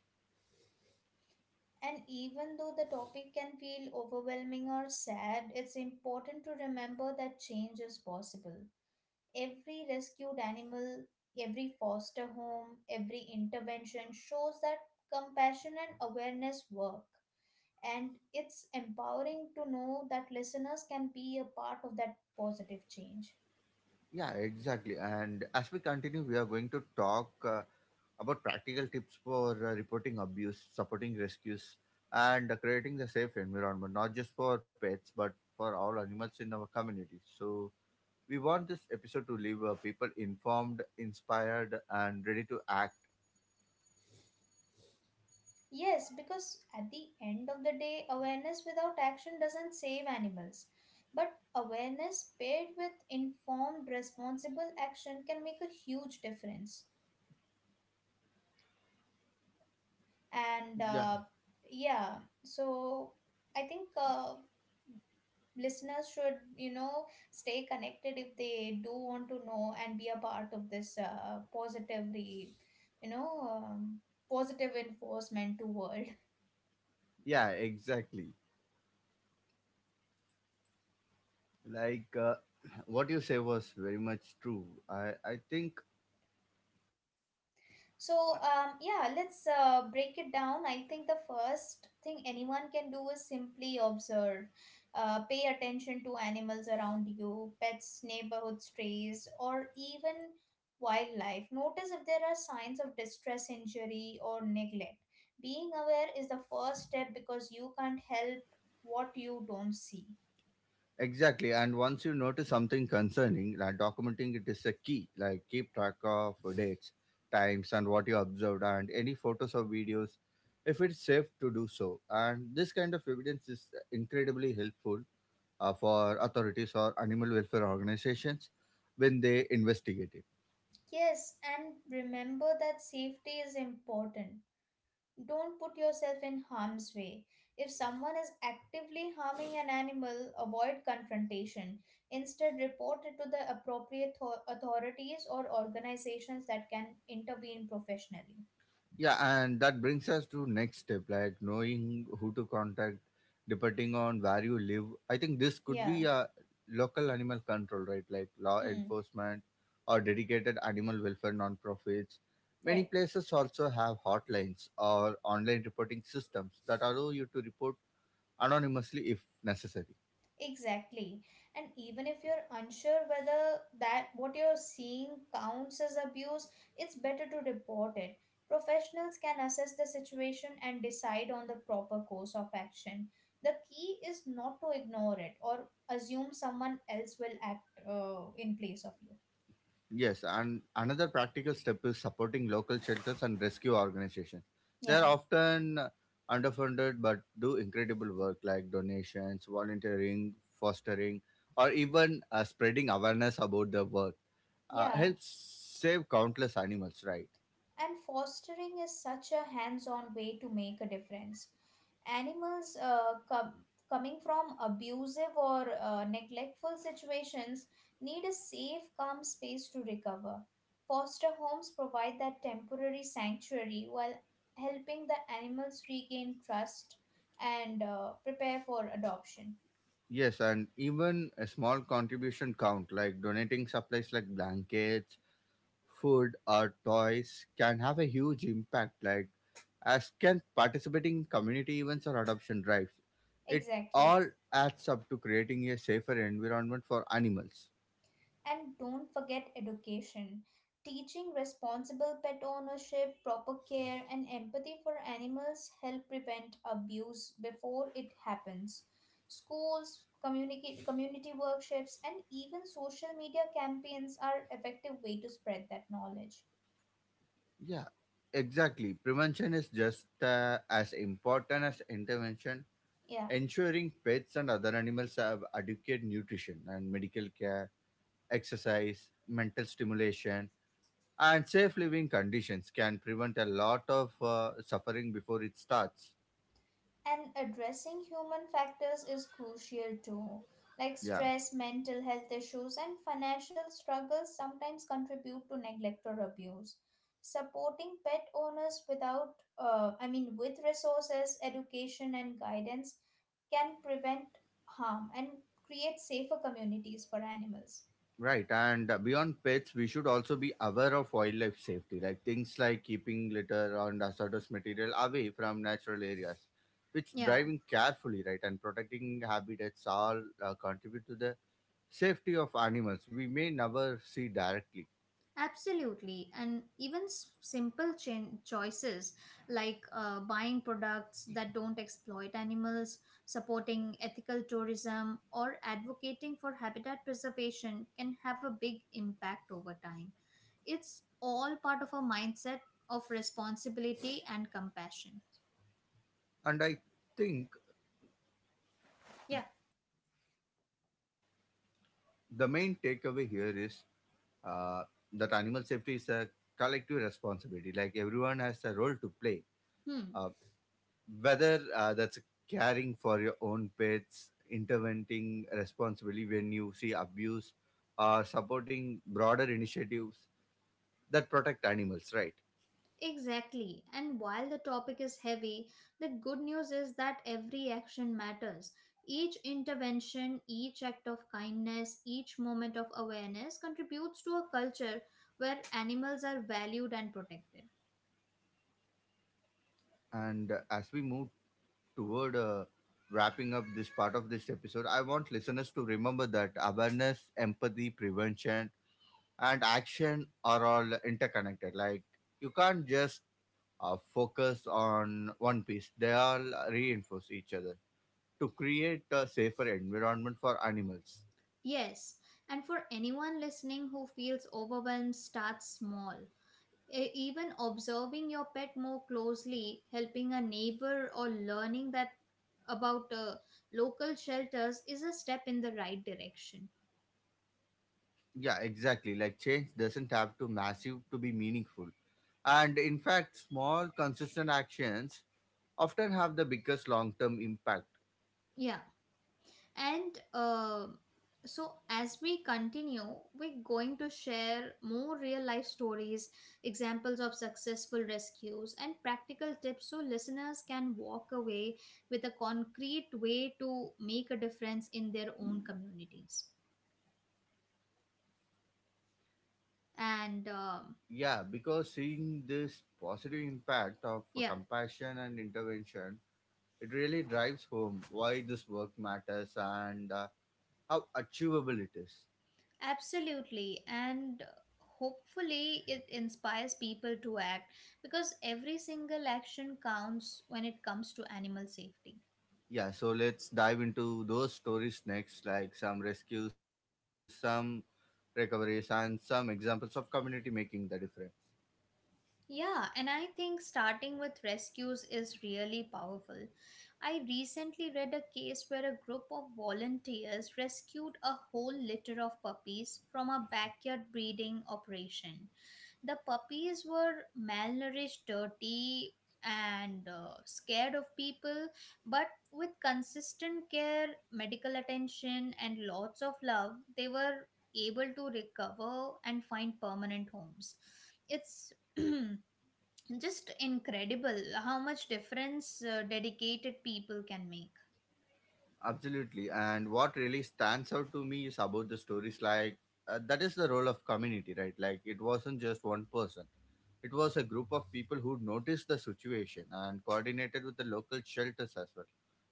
Speaker 2: And even though the topic can feel overwhelming or sad, it's important to remember that change is possible. Every rescued animal, every foster home, every intervention shows that compassion and awareness work. And it's empowering to know that listeners can be a part of that positive change.
Speaker 1: Yeah, exactly. And as we continue, we are going to talk about practical tips for reporting abuse, supporting rescues, and creating a safe environment, not just for pets, but for all animals in our community. So, we want this episode to leave people informed, inspired, and ready to act.
Speaker 2: Yes, because at the end of the day, awareness without action doesn't save animals. But awareness paired with informed, responsible action can make a huge difference. And
Speaker 1: Yeah,
Speaker 2: yeah so I think listeners should, you know, stay connected if they do want to know and be a part of this positively, you know, positive enforcement to world.
Speaker 1: yeah, exactly. Like what you say was very much true. I think.
Speaker 2: So, yeah, let's break it down. I think the first thing anyone can do is simply observe, pay attention to animals around you, pets, neighborhood strays, or even wildlife. Notice if there are signs of distress, injury, or neglect. Being aware is the first step because you can't help what you don't see.
Speaker 1: Exactly. And once you notice something concerning, like documenting it is a key. Like keep track of dates, times, and what you observed, and any photos or videos, if it's safe to do so. And this kind of evidence is incredibly helpful for authorities or animal welfare organizations when they investigate it.
Speaker 2: Yes, and remember that safety is important. Don't put yourself in harm's way. If someone is actively harming an animal, avoid confrontation. Instead, report it to the appropriate authorities or organizations that can intervene professionally.
Speaker 1: Yeah, and that brings us to next step, like knowing who to contact depending on where you live. I think this could be
Speaker 2: Yeah,
Speaker 1: a local animal control, right? Like law
Speaker 2: mm,
Speaker 1: enforcement or dedicated animal welfare nonprofits. Many
Speaker 2: right.
Speaker 1: places also have hotlines or online reporting systems that allow you to report anonymously if necessary.
Speaker 2: Exactly. And even if you're unsure whether that what you're seeing counts as abuse, it's better to report it. Professionals can assess the situation and decide on the proper course of action. The key is not to ignore it or assume someone else will act in place of you.
Speaker 1: Yes, and another practical step is supporting local shelters and rescue organizations. They are
Speaker 2: Yeah.
Speaker 1: often underfunded but do incredible work, like donations, volunteering, fostering, or even spreading awareness about their work.
Speaker 2: Yeah.
Speaker 1: Helps save countless animals, right?
Speaker 2: And fostering is such a hands on way to make a difference. Animals coming from abusive or neglectful situations need a safe, calm space to recover. Foster homes provide that temporary sanctuary while helping the animals regain trust and prepare for adoption.
Speaker 1: Yes, and even a small contribution count like donating supplies like blankets, food, or toys can have a huge impact, like, as can participating in community events or adoption drives. It
Speaker 2: Exactly.
Speaker 1: all adds up to creating a safer environment for animals.
Speaker 2: And don't forget education. Teaching responsible pet ownership, proper care, and empathy for animals help prevent abuse before it happens. Schools, community workshops, and even social media campaigns are effective way to spread that knowledge.
Speaker 1: Yeah, exactly. Prevention is just as important as intervention.
Speaker 2: Yeah.
Speaker 1: Ensuring pets and other animals have adequate nutrition and medical care, exercise, mental stimulation, and safe living conditions can prevent a lot of suffering before it starts.
Speaker 2: And addressing human factors is crucial too. Like
Speaker 1: Yeah.
Speaker 2: stress, mental health issues, and financial struggles sometimes contribute to neglect or abuse. Supporting pet owners without, I mean, with resources, education, and guidance can prevent harm and create safer communities for animals.
Speaker 1: Right, and beyond pets, we should also be aware of wildlife safety, like things like keeping litter and hazardous material away from natural areas, which
Speaker 2: Yeah,
Speaker 1: driving carefully, right, and protecting habitats all contribute to the safety of animals we may never see directly.
Speaker 2: absolutely, and even simple choices like buying products that don't exploit animals, supporting ethical tourism, or advocating for habitat preservation can have a big impact over time. It's all part of a mindset of responsibility and compassion.
Speaker 1: And I think
Speaker 2: Yeah.
Speaker 1: the main takeaway here is uh, that animal safety is a collective responsibility, like everyone has a role to play.
Speaker 2: Hmm.
Speaker 1: Uh, Whether that's caring for your own pets, intervening responsibly when you see abuse, or supporting broader initiatives that protect animals, right?
Speaker 2: Exactly. And while the topic is heavy, the good news is that every action matters. Each intervention, each act of kindness, each moment of awareness contributes to a culture where animals are valued and protected.
Speaker 1: And as we move toward wrapping up this part of this episode, I want listeners to remember that awareness, empathy, prevention, and action are all interconnected. Like, you can't just focus on one piece, they all reinforce each other to create a safer environment for animals.
Speaker 2: Yes, and for anyone listening who feels overwhelmed, start small. Even observing your pet more closely, helping a neighbor, or learning that about local shelters is a step in the right direction.
Speaker 1: Yeah, exactly. Like change doesn't have to massive to be meaningful. And in fact, small consistent actions often have the biggest long-term impact.
Speaker 2: Yeah. And so, as we continue, we're going to share more real life stories, examples of successful rescues, and practical tips so listeners can walk away with a concrete way to make a difference in their own communities. And
Speaker 1: Yeah, because seeing this positive impact of
Speaker 2: yeah,
Speaker 1: compassion and intervention, it really drives home why this work matters and how achievable it is.
Speaker 2: absolutely. And hopefully, it inspires people to act because every single action counts when it comes to animal safety.
Speaker 1: Yeah, so let's dive into those stories next, like some rescues, some recoveries, and some examples of community making the difference.
Speaker 2: Yeah, and I think starting with rescues is really powerful. I recently read a case where a group of volunteers rescued a whole litter of puppies from a backyard breeding operation. The puppies were malnourished, dirty, and scared of people, but with consistent care, medical attention, and lots of love, they were able to recover and find permanent homes. It's just incredible how much difference dedicated people can make.
Speaker 1: Absolutely. And what really stands out to me is about the stories like that is the role of community, right? Like it wasn't just one person, it was a group of people who noticed the situation and coordinated with the local shelters as well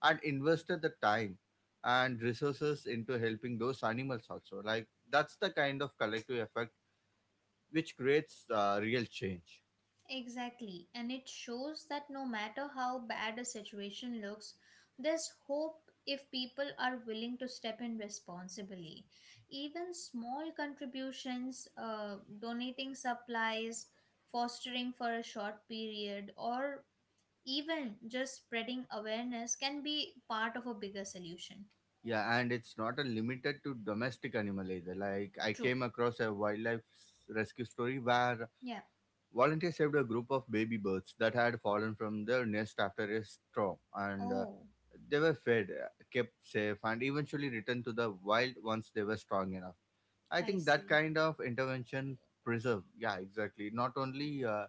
Speaker 1: and invested the time and resources into helping those animals also. Like that's the kind of collective effect which creates real change.
Speaker 2: Exactly, and it shows that no matter how bad a situation looks, there's hope if people are willing to step in responsibly. Even small contributions, donating supplies, fostering for a short period, or even just spreading awareness can be part of a bigger solution.
Speaker 1: Yeah, and it's not a limited to domestic animal either. Like I
Speaker 2: True.
Speaker 1: came across a wildlife rescue story where
Speaker 2: Yeah.
Speaker 1: volunteers saved a group of baby birds that had fallen from their nest after a storm, and
Speaker 2: Oh,
Speaker 1: they were fed, kept safe, and eventually returned to the wild once they were strong enough. I
Speaker 2: I
Speaker 1: think that
Speaker 2: see.
Speaker 1: kind of intervention preserve, yeah, exactly, not only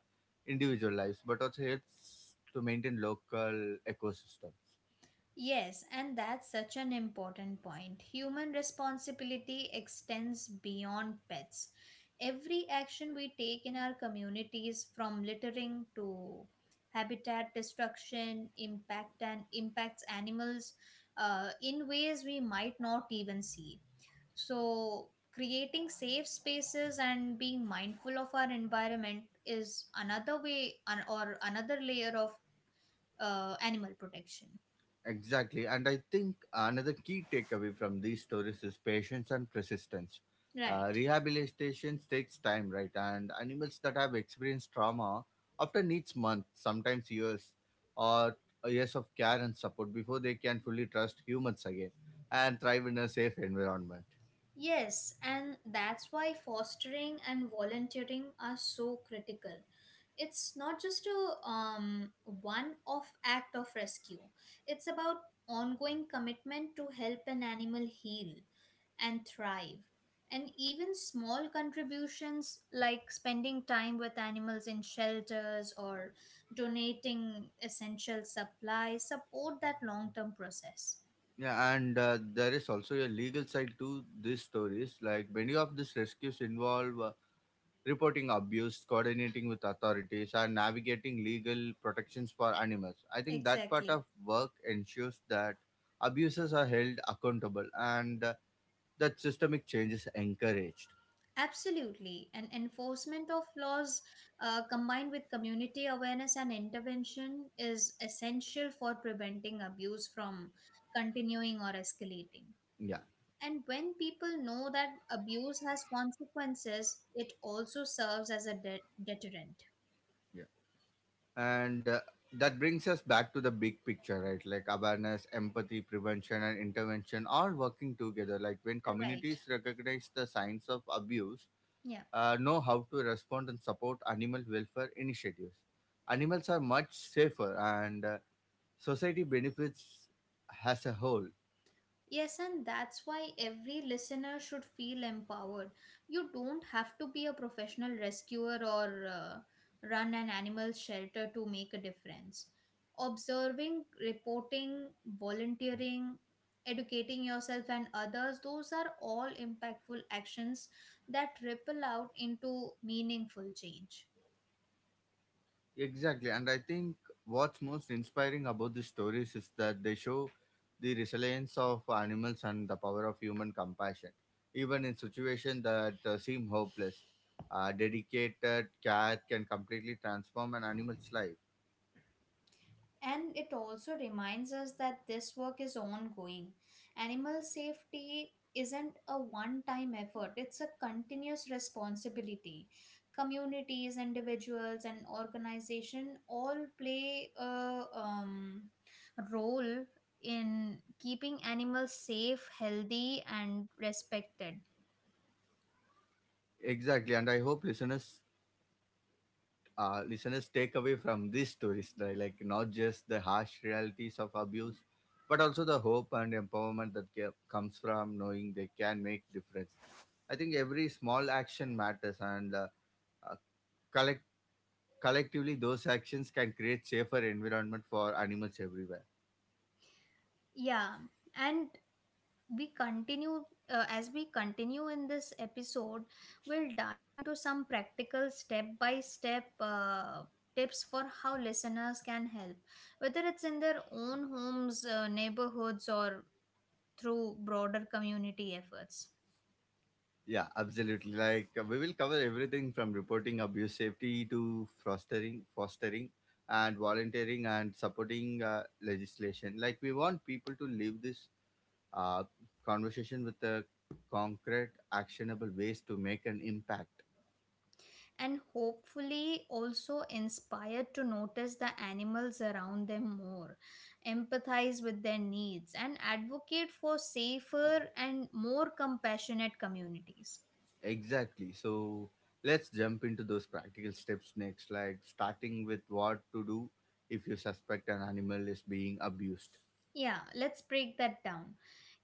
Speaker 1: individual lives but also helps to maintain local ecosystems.
Speaker 2: Yes, and that's such an important point. Human responsibility extends beyond pets. Every action we take in our communities, from littering to habitat destruction, impacts animals in ways we might not even see. So, creating safe spaces and being mindful of our environment is another way or another layer of animal protection.
Speaker 1: Exactly. And I think another key takeaway from these stories is patience and persistence.
Speaker 2: Right.
Speaker 1: Rehabilitation takes time, right? And animals that have experienced trauma often needs months, sometimes or years of care and support before they can fully trust humans again and thrive in a safe environment.
Speaker 2: Yes, and that's why fostering and volunteering are so critical. It's not just a one off act of rescue, it's about ongoing commitment to help an animal heal and thrive. And even small contributions like spending time with animals in shelters or donating essential supplies support that long term process.
Speaker 1: Yeah, and there is also a legal side to these stories. Like many of these rescues involve reporting abuse, coordinating with authorities, and navigating legal protections for animals. I think that part
Speaker 2: Exactly.
Speaker 1: of work ensures that abusers are held accountable and that systemic change is encouraged.
Speaker 2: Absolutely. And enforcement of laws combined with community awareness and intervention is essential for preventing abuse from continuing or escalating.
Speaker 1: Yeah.
Speaker 2: And when people know that abuse has consequences, it also serves as a deterrent.
Speaker 1: Yeah. And that brings us back to the big picture, right? Like awareness, empathy, prevention, and intervention all working together. Like when
Speaker 2: Right.
Speaker 1: communities recognize the signs of abuse,
Speaker 2: Yeah.
Speaker 1: know how to respond and support animal welfare initiatives. Animals are much safer and society benefits as a whole.
Speaker 2: Yes, and that's why every listener should feel empowered. You don't have to be a professional rescuer or run an animal shelter to make a difference. Observing, reporting, volunteering, educating yourself and others, those are all impactful actions that ripple out into meaningful change.
Speaker 1: Exactly. And I think what's most inspiring about these stories is that they show the resilience of animals and the power of human compassion. Even in situations that seem hopeless, a dedicated care can completely transform an animal's life.
Speaker 2: And it also reminds us that this work is ongoing. Animal safety isn't a one time effort, it's a continuous responsibility. Communities, individuals, and organization all play a role in keeping animals safe, healthy, and respected.
Speaker 1: Exactly. And I hope listeners take away from these stories, right? Like not just the harsh realities of abuse, but also the hope and empowerment that comes from knowing they can make difference. I think every small action matters, and uh, collect collectively those actions can create safer environment for animals everywhere.
Speaker 2: Yeah, and we continue as we continue in this episode we'll dive into some practical step by step tips for how listeners can help, whether it's in their own homes, neighborhoods, or through broader community efforts,
Speaker 1: Yeah, absolutely. Like we will cover everything from reporting abuse safety to fostering and volunteering and supporting legislation. Like we want people to live this uh, conversation with the concrete, actionable ways to make an impact.
Speaker 2: and hopefully also inspired to notice the animals around them more, empathize with their needs, and advocate for safer and more compassionate communities.
Speaker 1: Exactly. So let's jump into those practical steps next, like starting with what to do if you suspect an animal is being abused.
Speaker 2: Yeah, let's break that down.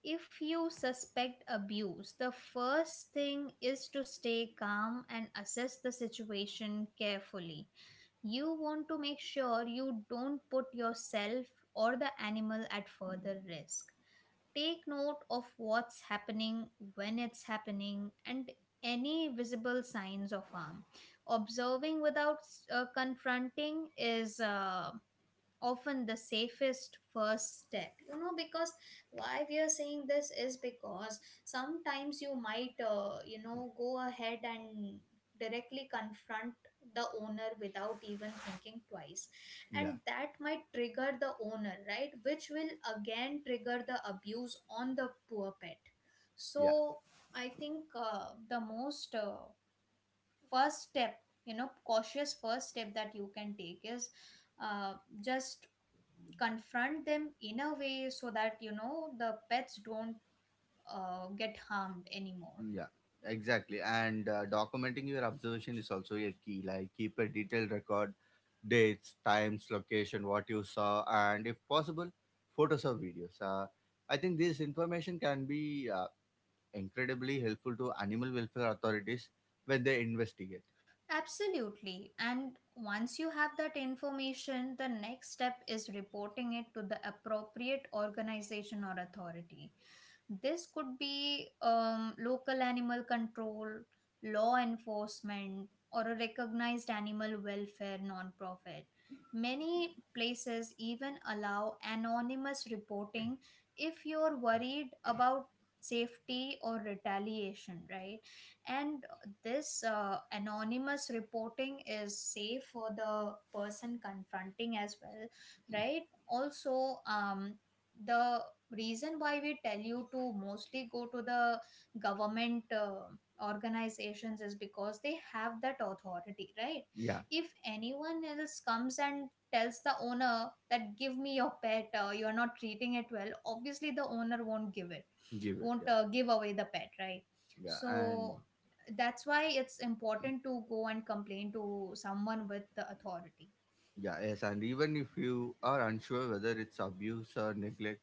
Speaker 2: If you suspect abuse, the first thing is to stay calm and assess the situation carefully. You want to make sure you don't put yourself or the animal at further risk. Take note of what's happening, when it's happening, and any visible signs of harm. Observing without confronting is, often the safest first step, you know, because why we are saying this is because sometimes you might, you know, go ahead and directly confront the owner without even thinking twice, and
Speaker 1: Yeah,
Speaker 2: that might trigger the owner, right, which will again trigger the abuse on the poor pet. So
Speaker 1: yeah,
Speaker 2: I think, the most first step you know, cautious first step that you can take is, uh, just confront them in a way so that, you know, the pets don't get harmed anymore.
Speaker 1: yeah. Exactly. And documenting your observation is also a key. Like keep a detailed record, dates, times, location, what you saw, and if possible, photos or videos. I think this information can be incredibly helpful to animal welfare authorities when they investigate.
Speaker 2: Absolutely. And once you have that information, the next step is reporting it to the appropriate organization or authority. This could be, local animal control, law enforcement, or a recognized animal welfare nonprofit. Many places even allow anonymous reporting if you're worried about safety or retaliation, right? And this anonymous reporting is safe for the person confronting as well, right? Also, the reason why we tell you to mostly go to the government organizations is because they have that authority, right?
Speaker 1: Yeah,
Speaker 2: If anyone else comes and tells the owner that give me your pet, you're not treating it well, obviously the owner won't give it,
Speaker 1: give it.
Speaker 2: won't
Speaker 1: Yeah,
Speaker 2: give away the pet, right?
Speaker 1: yeah, and
Speaker 2: So that's why it's important to go and complain to someone with the authority.
Speaker 1: yeah, yes, and even if you are unsure whether it's abuse or neglect,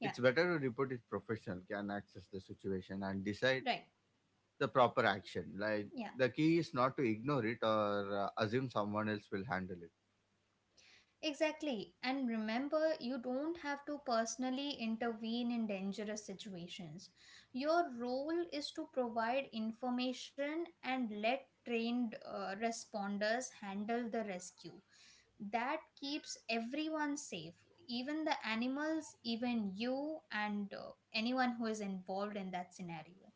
Speaker 2: Yeah.
Speaker 1: it's better to report it professional can access the situation and decide
Speaker 2: Right.
Speaker 1: the proper action. Like
Speaker 2: Yeah,
Speaker 1: the key is not to ignore it or assume someone else will handle it.
Speaker 2: exactly, and remember you don't have to personally intervene in dangerous situations. Your role is to provide information and let trained responders handle the rescue. That keeps everyone safe, even the animals, even you, and anyone who is involved in that scenario.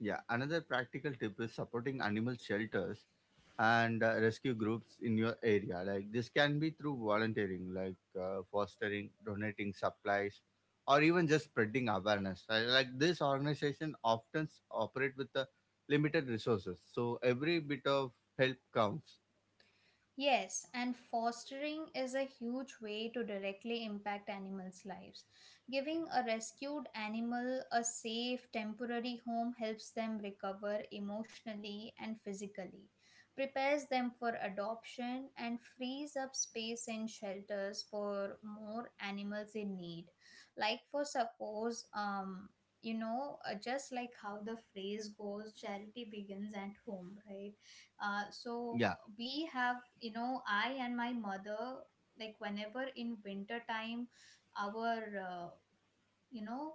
Speaker 1: Yeah, another practical tip is supporting animal shelters and rescue groups in your area. Like this can be through volunteering, like fostering, donating supplies, or even just spreading awareness. Like this organization often operate with limited resources, so every bit of help counts.
Speaker 2: Yes, and fostering is a huge way to directly impact animals' lives. Giving a rescued animal a safe, temporary home helps them recover emotionally and physically, prepares them for adoption, and frees up space in shelters for more animals in need. Like, for suppose, you know, just like how the phrase goes, charity begins at home, right? Uh,
Speaker 1: Yeah,
Speaker 2: so, we have, you know, I and my mother, like whenever in winter time our, you know,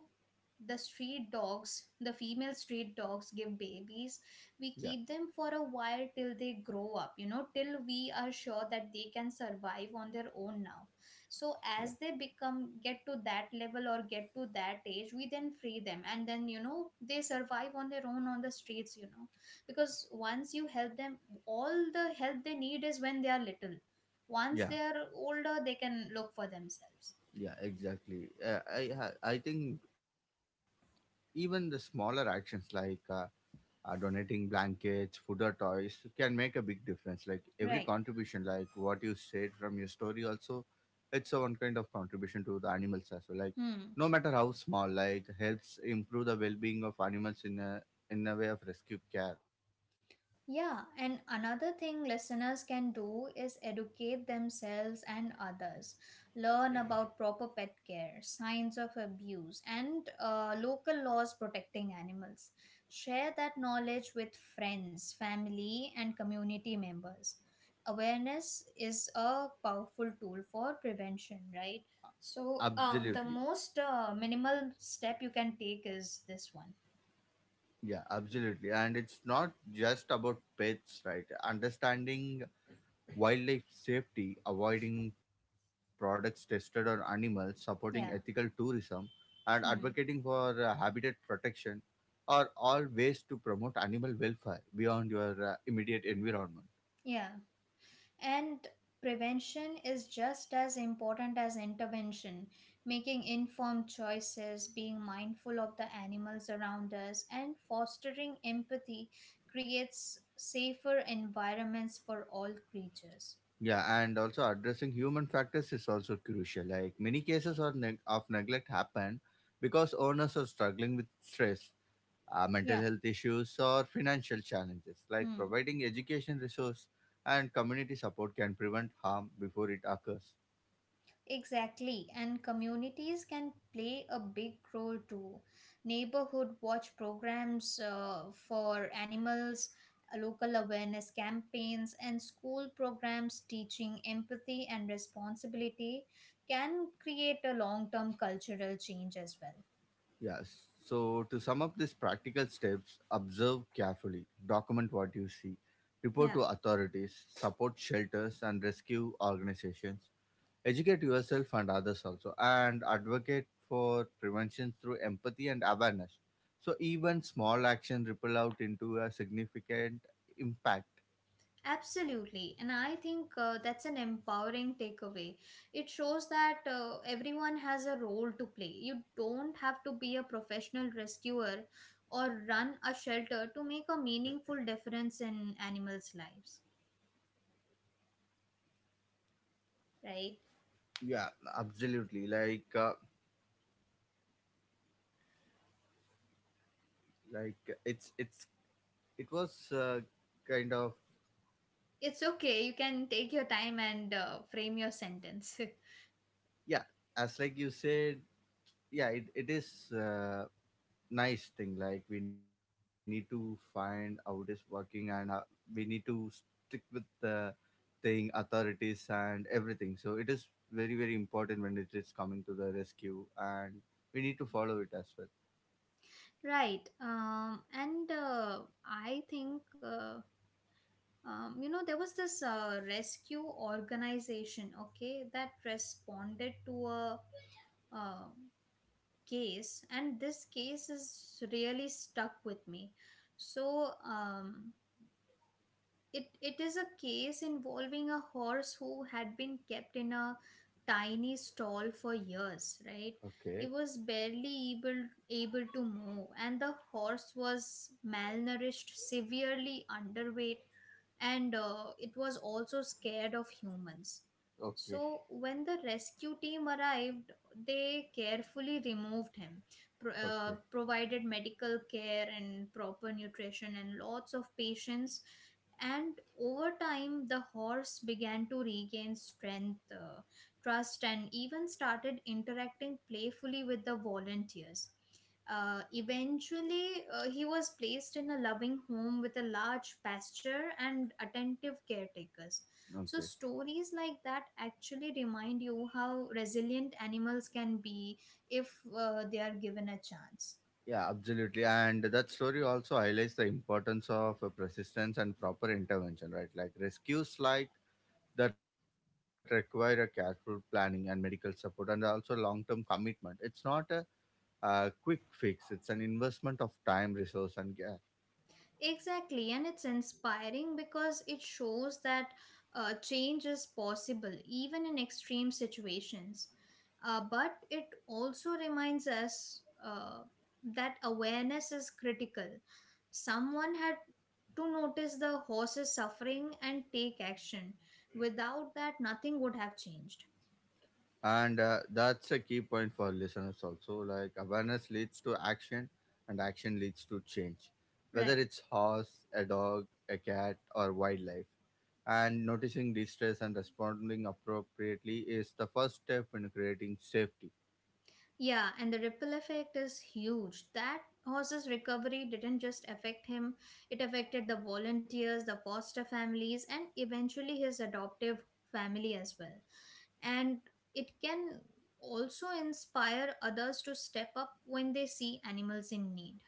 Speaker 2: the street dogs, the female street dogs give babies, we
Speaker 1: yeah,
Speaker 2: keep them for a while till they grow up, you know, till we are sure that they can survive on their own now. So
Speaker 1: yeah,
Speaker 2: as they become, get to that level or get to that age, we then free them, and then, you know, they survive on their own on the streets, you know. Because once you help them, all the help they need is when they are little. Once
Speaker 1: yeah,
Speaker 2: they are older they can look for themselves.
Speaker 1: yeah. Exactly. I think even the smaller actions like donating blankets, food, or toys can make a big difference. Like every
Speaker 2: Right.
Speaker 1: contribution, like what you said from your story, also it's a one kind of contribution to the animals as well. Like
Speaker 2: Hmm.
Speaker 1: no matter how small, like helps improve the well-being of animals in a way of rescue care.
Speaker 2: Yeah, and another thing listeners can do is educate themselves and others. Learn about proper pet care, signs of abuse, and local laws protecting animals. Share that knowledge with friends, family, and community members. Awareness is a powerful tool for prevention, right? So, um, the
Speaker 1: Absolutely,
Speaker 2: most uh, minimal step you can take is this one.
Speaker 1: yeah, absolutely. And it's not just about pets, right? Understanding wildlife safety, avoiding products tested on animals, supporting ethical
Speaker 2: Yeah.
Speaker 1: tourism, and advocating
Speaker 2: Hmm.
Speaker 1: for habitat protection are all ways to promote animal welfare beyond your immediate environment.
Speaker 2: Yeah. And prevention is just as important as intervention. Making informed choices, being mindful of the animals around us, and fostering empathy creates safer environments for all creatures.
Speaker 1: Yeah, and also addressing human factors is also crucial. Like many cases are of neglect happen because owners are struggling with stress, mental
Speaker 2: Yeah.
Speaker 1: health issues, or financial challenges. Like
Speaker 2: Hmm.
Speaker 1: providing education resource and community support can prevent harm before it occurs.
Speaker 2: Exactly, and communities can play a big role too. Neighborhood watch programs for animals, local awareness campaigns, and school programs teaching empathy and responsibility can create a long term cultural change as well.
Speaker 1: Yes. So, to sum up these practical steps, observe carefully, document what you see, report
Speaker 2: Yeah.
Speaker 1: to authorities, support shelters and rescue organizations, educate yourself and others also, and advocate for prevention through empathy and awareness. So, even small action ripple out into a significant impact.
Speaker 2: Absolutely. And I think that's an empowering takeaway. It shows that everyone has a role to play. You don't have to be a professional rescuer or run a shelter to make a meaningful difference in animals' lives, right?
Speaker 1: Yeah, absolutely. Like it's it was kind of
Speaker 2: It's okay. You can take your time and frame your sentence.
Speaker 1: yeah. As like you said, yeah it is nice thing like we need to find how it is working and we need to stick with the thing authorities and everything so it is very very important when it is coming to the rescue and we need to follow it as well.
Speaker 2: Right. And I think. You know, there was this rescue organization, okay, that responded to a uh, case, and this case is really stuck with me. So it is a case involving a horse who had been kept in a tiny stall for years, right?
Speaker 1: Okay,
Speaker 2: It was barely able to move, and the horse was malnourished, severely underweight, and it was also scared of humans.
Speaker 1: okay,
Speaker 2: So when the rescue team arrived, they carefully removed him,
Speaker 1: okay,
Speaker 2: provided medical care and proper nutrition and lots of patience, and over time the horse began to regain strength, trust, and even started interacting playfully with the volunteers. Eventually, he was placed in a loving home with a large pasture and attentive caretakers. So
Speaker 1: okay.
Speaker 2: stories like that actually remind you how resilient animals can be if they are given a chance.
Speaker 1: Yeah, absolutely. And that story also highlights the importance of persistence and proper intervention, right? Like rescues like that require a careful planning and medical support and also long-term commitment. It's not a, quick fix. It's an investment of time, resource, and care.
Speaker 2: Exactly, and it's inspiring because it shows that change is possible even in extreme situations. But it also reminds us that awareness is critical. Someone had to notice the horse's suffering and take action. Without that, nothing would have changed.
Speaker 1: And that's a key point for listeners also. Like awareness leads to action, and action leads to change. Whether
Speaker 2: Right.
Speaker 1: it's horse, a dog, a cat, or wildlife, and noticing distress and responding appropriately is the first step in creating safety.
Speaker 2: Yeah, and the ripple effect is huge. That horse's recovery didn't just affect him, it affected the volunteers, the foster families, and eventually his adoptive family as well. And it can also inspire others to step up when they see animals in need.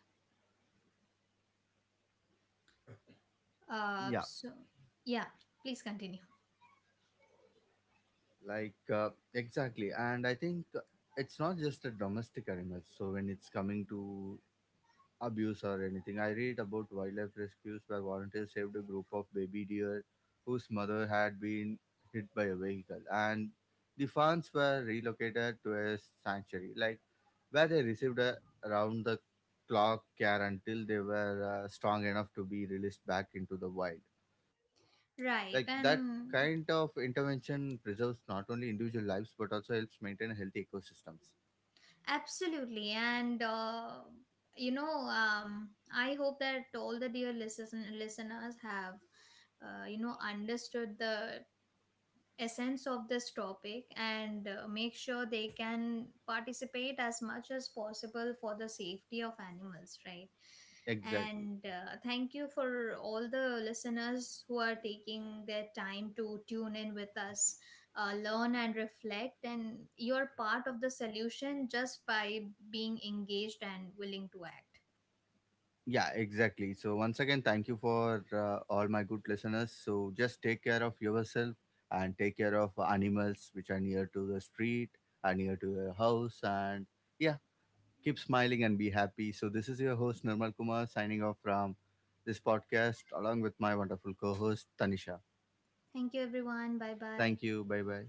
Speaker 2: Uh,
Speaker 1: Yeah,
Speaker 2: so, yeah, please continue.
Speaker 1: like exactly, and I think it's not just a domestic animal, so when it's coming to abuse or anything, I read about wildlife rescues where volunteers saved a group of baby deer whose mother had been hit by a vehicle, and the fawns were relocated to a sanctuary, like where they received a round the clock care until they were strong enough to be released back into the wild. Like that
Speaker 2: Right.
Speaker 1: kind of
Speaker 2: And
Speaker 1: intervention preserves not only individual lives but also helps maintain healthy ecosystems.
Speaker 2: absolutely. And, you know, I hope that all the dear listeners have, you know, understood the essence of this topic, and make sure they can participate as much as possible for the safety of animals, right?
Speaker 1: Exactly.
Speaker 2: And thank you for all the listeners who are taking their time to tune in with us, learn and reflect. And you're part of the solution just by being engaged and willing to act.
Speaker 1: Yeah, exactly. So once again, thank you for all my good listeners. So just take care of yourself and take care of animals which are near to the street, are near to your house, and yeah, keep smiling and be happy. So this is your host Nirmal Kumar signing off from this podcast along with my wonderful co-host Tanisha.
Speaker 2: Thank you everyone, bye bye.
Speaker 1: Thank you. Bye bye.